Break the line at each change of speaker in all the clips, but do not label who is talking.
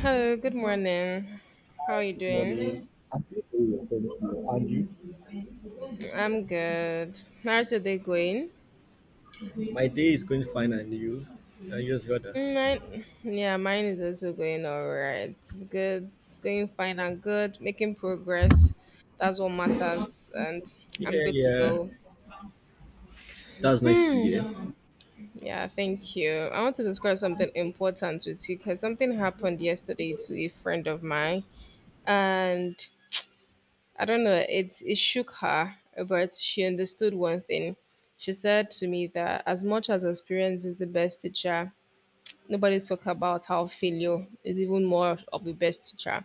Hello, good morning. How are you doing?
Morning. And you?
I'm good. How's your day going?
My day is going fine, and you? You just got that.
Mm, Mine, yeah, mine is also going all right. It's good. It's going fine and good. Making progress. That's what matters. And I'm
Yeah,
good to
yeah.
go.
That's nice to hear.
Hmm. Yeah, thank you. I want to discuss something important with you because something happened yesterday to a friend of mine. And I don't know, it shook her, but she understood one thing. She said to me that as much as experience is the best teacher, nobody talk about how failure is even more of the best teacher.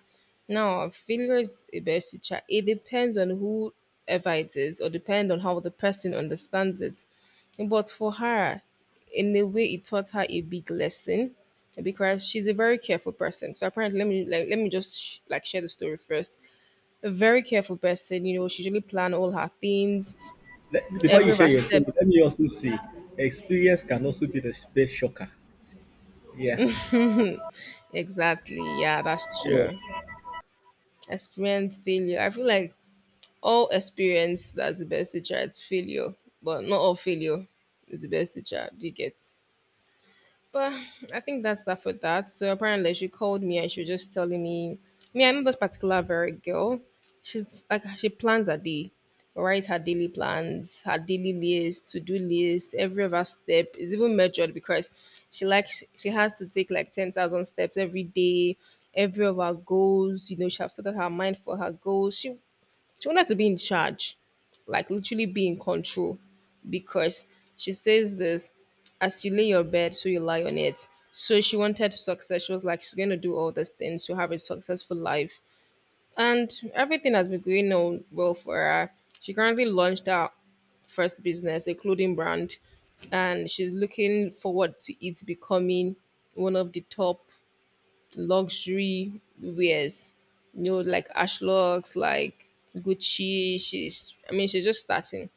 Now, failure is a best teacher. It depends on whoever it is, or depend on how the person understands it. But for her, in a way, it taught her a big lesson because she's a very careful person. So apparently, let me just share the story first. A very careful person. You know, she really planned all her things,
Let- before you
every of
share
her
your
step.
story, let me also say, experience can also be the space shocker. Yeah.
Exactly. Yeah, that's true.
Yeah.
Experience failure. I feel like all experience that's the best teacher. It's failure, but not all failure is the best teacher. Do you get? But I think that's that for that. So apparently she called me and she was just telling me. I know this particular very girl. She's like she plans her day, writes her daily plans, her daily list, to-do list, every of her step is even measured because she has to take like 10,000 steps every day, every of her goals, you know, she have set up her mind for her goals. She wanted to be in charge, like literally be in control, because she says this as you lay your bed, so you lie on it. So she wanted success. She was like, she's going to do all these things to have a successful life. And everything has been going on well for her. She currently launched her first business, a clothing brand, and she's looking forward to it becoming one of the top luxury wears, you know, like Ashlocks, like Gucci. She's, I mean, she's just starting,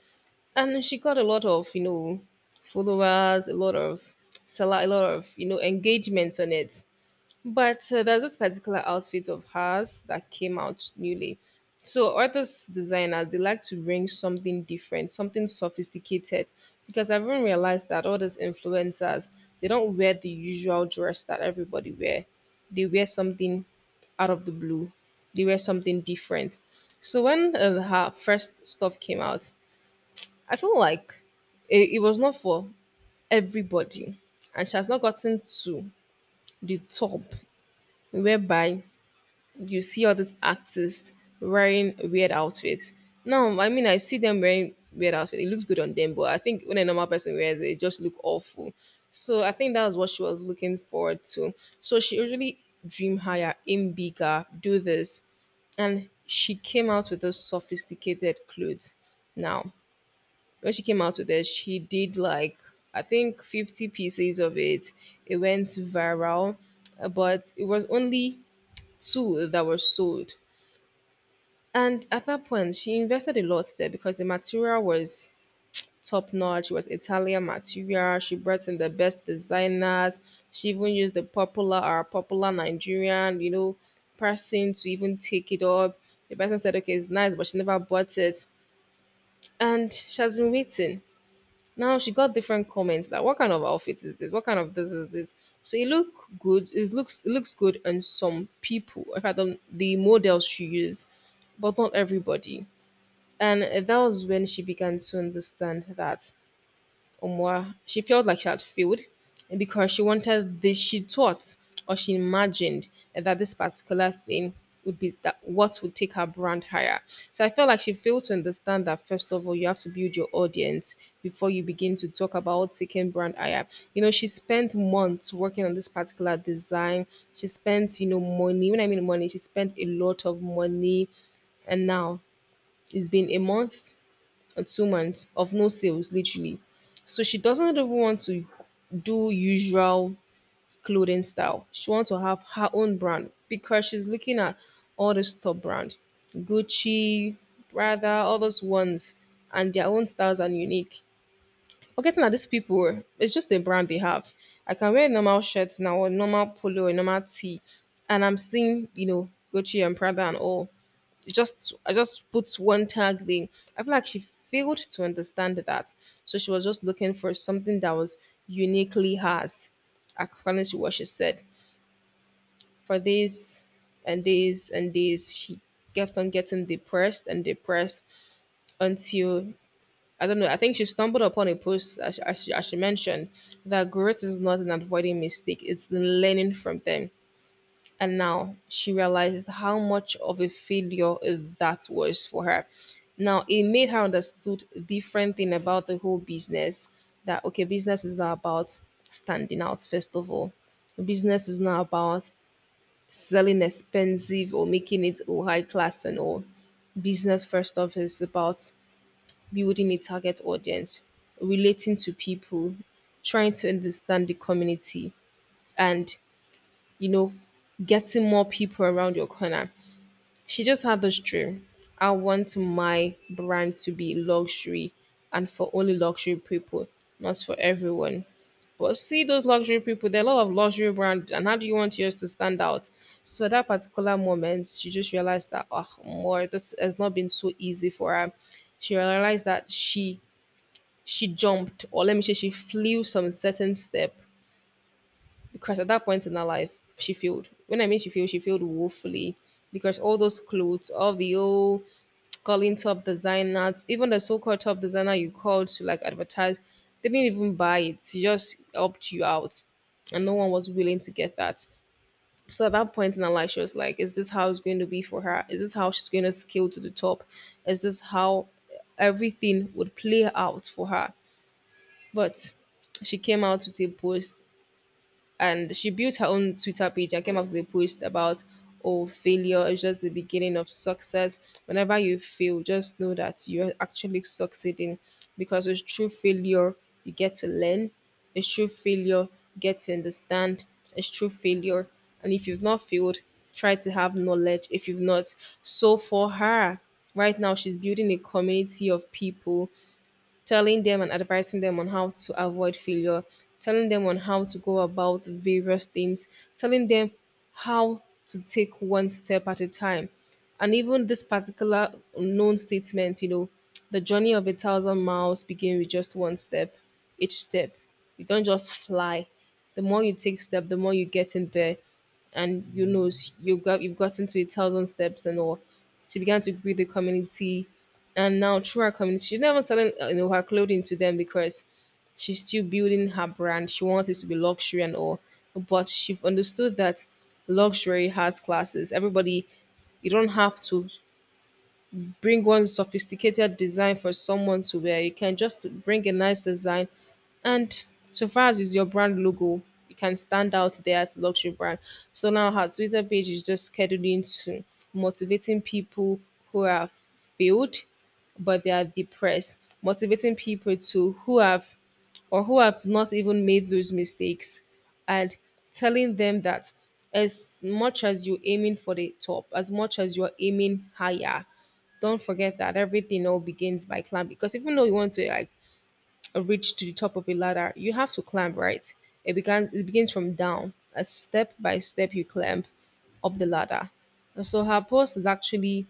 and she got a lot of, you know, followers, a lot of seller, a lot of, you know, engagements on it. But there's this particular outfit of hers that came out newly. So artists, designers, they like to bring something different, something sophisticated, because I've even realized that all these influencers, they don't wear the usual dress that everybody wear. They wear something out of the blue. They wear something different. So when her first stuff came out, I feel like it was not for everybody, and she has not gotten to the top whereby you see all these artists wearing weird outfits. No, I mean I see them wearing weird outfits. It looks good on them, but I think when a normal person wears it, it just look awful. So I think that was what she was looking forward to. So she usually dream higher, aim bigger, do this, and she came out with those sophisticated clothes. Now, when she came out with it, she did like I think 50 pieces of it. It went viral, but it was only two that were sold. And at that point, she invested a lot there because the material was top notch. It was Italian material. She brought in the best designers. She even used the popular or popular Nigerian, you know, person to even take it up. The person said, okay, it's nice, but she never bought it. And she has been waiting. Now she got different comments that what kind of outfit is this? What kind of this is this? So it look good. It looks good on some people. In fact, do the models she used, but not everybody. And that was when she began to understand that Omwa, she felt like she had failed because she wanted this, she thought or she imagined that this particular thing would be that what would take her brand higher. So I felt like she failed to understand that first of all, you have to build your audience before you begin to talk about taking brand higher. You know, she spent months working on this particular design. She spent, you know, money. When I mean money, she spent a lot of money, and now it's been a month or 2 months of no sales, literally. So she doesn't even want to do usual clothing style. She wants to have her own brand because she's looking at all this top brand, Gucci, Prada, all those ones, and their own styles are unique. Forgetting that these people, it's just the brand they have. I can wear a normal shirt now, or normal polo, or normal tee, and I'm seeing, you know, Gucci and Prada and all just I just put one tag thing. I feel like she failed to understand that. So she was just looking for something that was uniquely hers, according to what she said. For days and days and days. She kept on getting depressed and depressed until I don't know. I think she stumbled upon a post, as she mentioned, that growth is not an avoiding mistake; it's the learning from them. And now she realizes how much of a failure that was for her. Now it made her understood different thing about the whole business. That okay, business is not about standing out first of all. Business is not about selling expensive or making it all high class and all. Business first off is about building a target audience, relating to people, trying to understand the community, and you know, getting more people around your corner. She just had this dream. I want my brand to be luxury and for only luxury people, not for everyone. But see those luxury people, there are a lot of luxury brand, and how do you want yours to stand out? So at that particular moment, she just realized that oh more this has not been so easy for her. She realized that she jumped, or let me say she flew some certain step, because at that point in her life she failed. When I mean she failed, she failed woefully, because all those clothes, all the old calling top designers, even the so-called top designer you called to like advertise, they didn't even buy it. She just helped you out, and no one was willing to get that. So at that point in her life she was like, is this how it's going to be for her? Is this how she's going to scale to the top? Is this how everything would play out for her? But she came out with a post, and she built her own Twitter page and came up with a post about, oh, failure is just the beginning of success. Whenever you fail, just know that you're actually succeeding, because it's true failure you get to learn, it's true failure you get to understand, it's true failure. And if you've not failed, try to have knowledge. If you've not, so for her, right now she's building a community of people, telling them and advising them on how to avoid failure, telling them on how to go about various things, telling them how to take one step at a time. And even this particular known statement, you know, the journey of 1,000 miles begin with just one step. Each step, you don't just fly. The more you take step, the more you get in there, and you know, you've gotten to 1,000 steps and all. She began to build the community, and now through her community, she's not even selling her clothing to them, because she's still building her brand. She wants it to be luxury and all, but she understood that luxury has classes. Everybody, you don't have to bring one sophisticated design for someone to wear. You can just bring a nice design. And so far as is your brand logo, you can stand out there as a luxury brand. So now her Twitter page is just scheduling to motivating people who have failed but they are depressed, motivating people to who have or who have not even made those mistakes, and telling them that as much as you're aiming for the top, as much as you're aiming higher, don't forget that everything all begins by climb, because even though you want to like reach to the top of a ladder, you have to climb, right? It begins from down. As step by step you climb up the ladder. And so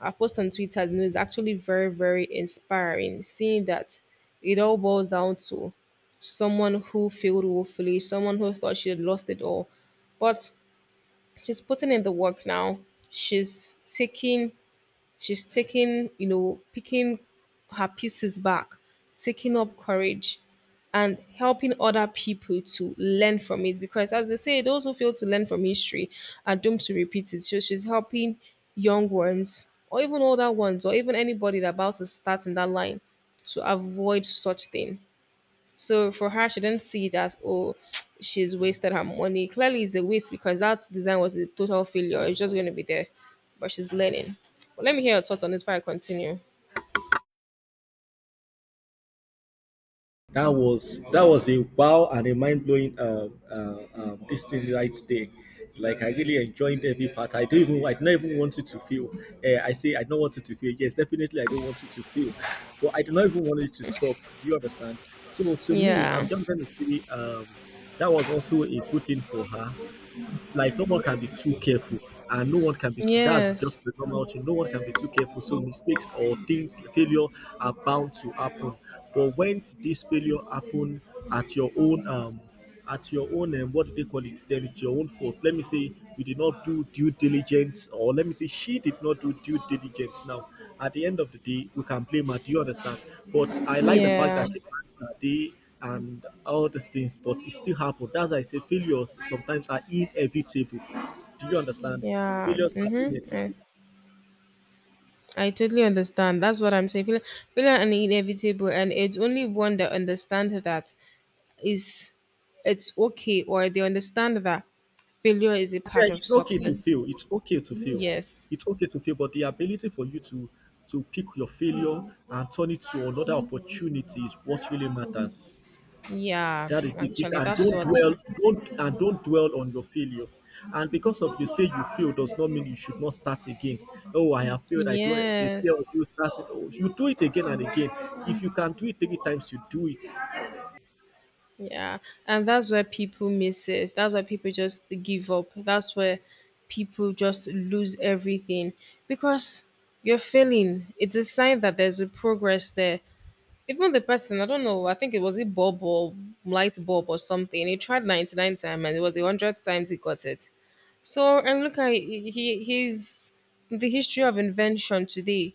her post on Twitter, you know, is actually very, very inspiring, seeing that it all boils down to someone who failed woefully, someone who thought she had lost it all. But she's putting in the work now. She's taking She's taking, picking her pieces back, taking up courage, and helping other people to learn from it. Because, as they say, those who fail to learn from history are doomed to repeat it. So, she's helping young ones, or even older ones, or even anybody that about to start in that line to avoid such thing. So for her, she didn't see that, oh, she's wasted her money. Clearly, it's a waste because that design was a total failure. It's just going to be there. But she's learning. But let me hear your thoughts on this before I continue.
That was a wow and a mind blowing this thing right there. Like I really enjoyed every part. I don't even want it to feel. I say I don't want it to feel. Yes, definitely I don't want it to feel, but I do not even want it to stop. Do you understand? So to me, I'm
Yeah.
just going to say that was also a good thing for her. Like no one can be too careful, and no one can be too— that's
Yes.
just the normal thing. No one can be too careful, so mistakes or things, failure, are bound to happen. But when this failure happen at your own at your own, what do they call it? Then it's your own fault. Let me say you did not do due diligence, or let me say she did not do due diligence. Now, at the end of the day, we can blame her. Do you understand? But I like the fact
Yeah.
that she plans her day and all these things, but it still happened. That's why I say failures sometimes are inevitable. Do you understand?
Yeah.
Failures are
Mm-hmm.
inevitable.
I totally understand. That's what I'm saying. Failure and inevitable, and it's only one that understand that is it's okay, or they understand that failure is a
Yeah,
part of
it's okay to
success.
fail. It's okay to fail.
Yes.
It's okay to fail, but the ability for you to pick your failure and turn it to another opportunity is what really matters.
Yeah,
That is it.
actually,
And
that's
don't
what.
dwell, don't dwell on your failure. And because of you say you fail does not mean you should not start again. Oh, I have failed. I don't. The fear of
Yes.
you starting. Oh, you do it again and again. If you can do it three times, you do it.
Yeah. And that's where people miss it. That's where people just give up. That's where people just lose everything because you're failing. It's a sign that there's a progress there. Even the person, I don't know, I think it was a bulb or light bulb or something. He tried 99 times and it was the 100th times he got it. So, and look at he- his the history of invention today.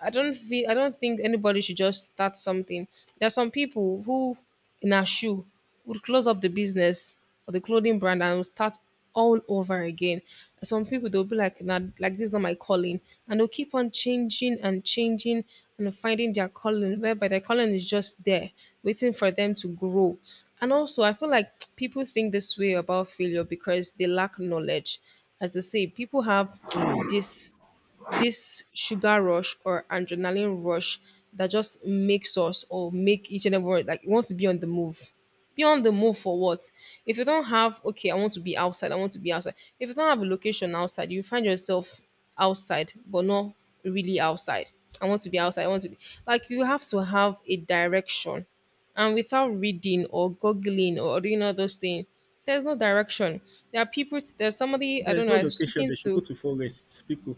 I don't think anybody should just start something. There are some people who in a shoe would close up the business or the clothing brand and will start all over again. Some people they'll be like, nah, like this is not my calling. And they'll keep on changing and changing and finding their calling, whereby their calling is just there, waiting for them to grow. And also I feel like people think this way about failure because they lack knowledge. As they say, people have this this sugar rush or adrenaline rush that just makes us or make each and every one like you want to be on the move. Be on the move for what? If you don't have okay, I want to be outside. If you don't have a location outside, you find yourself outside, but not really outside. I want to be outside, I want to be like you have to have a direction. And without reading or googling or doing all those things, there's no direction. There are people there's somebody I
There
don't
is
know,
no
I was
location.
speaking
They should go
to
to forest, people.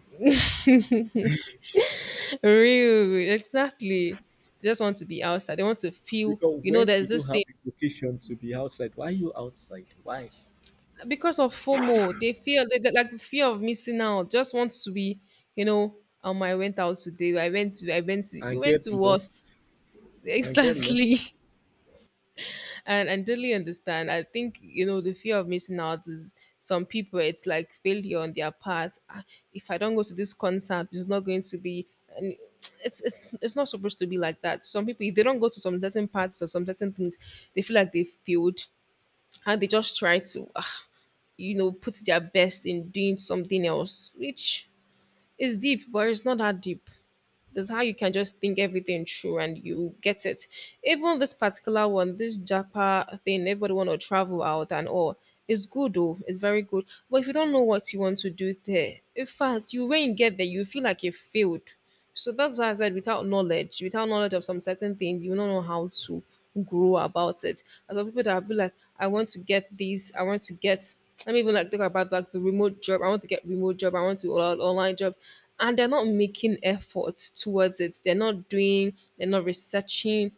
Real, exactly. They just want to be outside. They want to feel,
Because
you know,
when
there's
you
this
don't have
thing
a location to be outside, why are you outside? Why?
because of FOMO. They feel they- like the fear of missing out. Just want to be, you know, I went out today. I went to, you
And
went
get
to what?
lost. And get lost.
Exactly. And I totally understand. I think, you know, the fear of missing out is some people, it's like failure on their part. Ah, if I don't go to this concert, it's not going to be. And it's not supposed to be like that. Some people, if they don't go to some certain parts or some certain things, they feel like they failed and they just try to, ah, you know, put their best in doing something else, which is deep, but it's not that deep. That's how you can just think everything through and you get it. Even this particular one, this Japa thing, everybody want to travel out and all. It's good though. It's very good. But if you don't know what you want to do there, in fact, you when you get there, you feel like you failed. So that's why I said without knowledge of some certain things, you will not know how to grow about it. And some people that will be like, I want to get this, I want to get let me even like think about like the remote job. I want to online job. And they're not making effort towards it. They're not researching,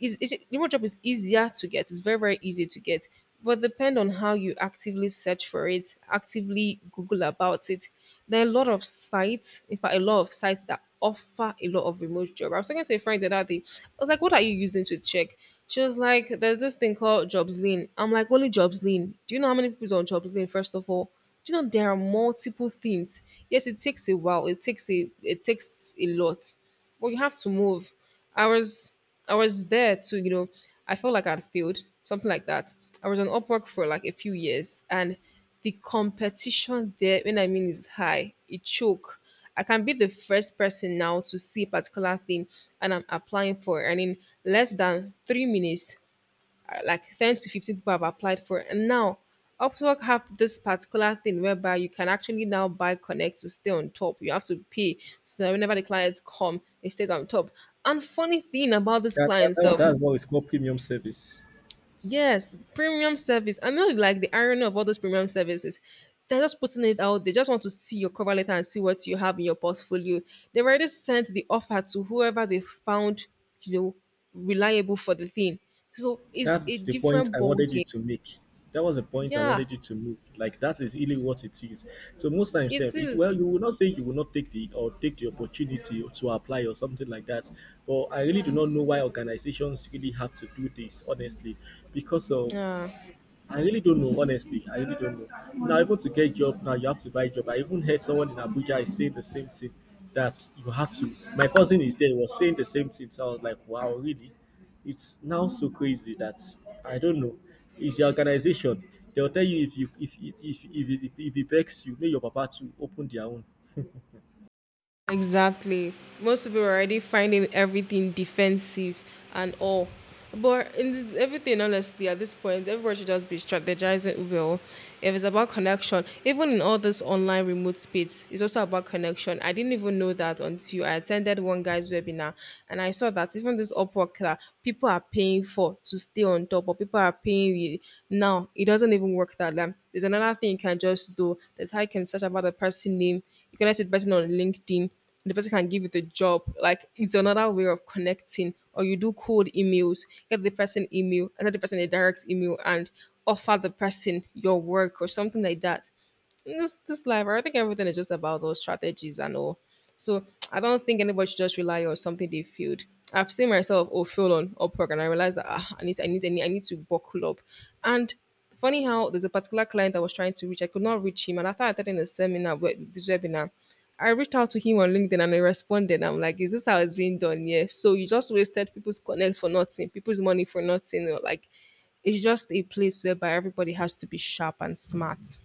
remote job is easier to get. It's very easy to get, but depend on how you actively search for it, actively Google about it. There are a lot of sites, in fact, a lot of sites that offer a lot of remote job. I was talking to a friend the other day. I was like, "What are you using to check?" She was like, "There's this thing called JobsLean." I'm like, "Only JobsLean? Do you know how many people is on JobsLean? First of all." Do you know there are multiple things? Yes, it takes a while, it takes a, it takes a lot, but you have to move. I was I was there to, you know, I felt like I'd failed, something like that. I was on Upwork for like a few years and the competition there, when I mean is high, it choke. I can be the first person now to see a particular thing and I'm applying for earning less than 3 minutes like 10 to 15 people have applied for it. And now Upwork have this particular thing whereby you can actually now buy connect to stay on top. You have to pay so that whenever the clients come, it stays on top. And funny thing about this
That, that,
client
that,
self,
that's what is called premium service.
yes, premium service. I know like the irony of all those premium services. They're just putting it out. They just want to see your cover letter and see what you have in your portfolio. They've already sent the offer to whoever they found, you know, reliable for the thing. So it's a
That's the point
different
I
ball
wanted you
game.
to make. That was the point I
Yeah,
wanted you to make. Like that is really what it is. So most times,
it
sef, it,
is.
well, you will not say you will not take the or take the opportunity to apply or something like that. But I really do not know why organizations really have to do this, honestly, because of—
Yeah,
I really don't know, honestly. I really don't know. Now, even to get job, now you have to buy job. I even heard someone in Abuja is saying the same thing that you have to. My cousin is there, was saying the same thing. So I was like, wow, really? It's now so crazy that I don't know. It's your organization. They'll tell you if you if it vex you, make your papa to open their own.
exactly. Most people are already finding everything defensive and all. But in this, everything, honestly, at this point, everyone should just be strategizing well. If it's about connection, even in all this online remote space, it's also about connection. I didn't even know that until I attended one guy's webinar and I saw that even this Upwork that people are paying for to stay on top, or people are paying you now. It doesn't even work that way. There's another thing you can just do. That's how you can search about the person name. You can with person on LinkedIn. The person can give you the job. Like it's another way of connecting. Or you do cold emails, get the person email, and send the person a direct email and offer the person your work or something like that in this life, I think everything is just about those strategies and all. So I don't think anybody should just rely on something they failed. I've seen myself oh fail on Upwork and I realized that ah, I need to buckle up. And funny how there's a particular client I was trying to reach, I could not reach him, and after I attended a seminar this webinar. I reached out to him on LinkedIn and he responded. I'm like, is this how it's being done? Yeah. So you just wasted people's connects for nothing, people's money for nothing. Or like, it's just a place whereby everybody has to be sharp and smart.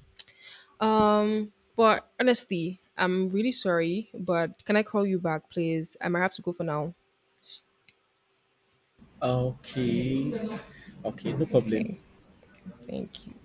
But honestly, I'm really sorry, but can I call you back, please? I might have to go for now.
Okay, s- okay, no problem.
Okay. Thank you.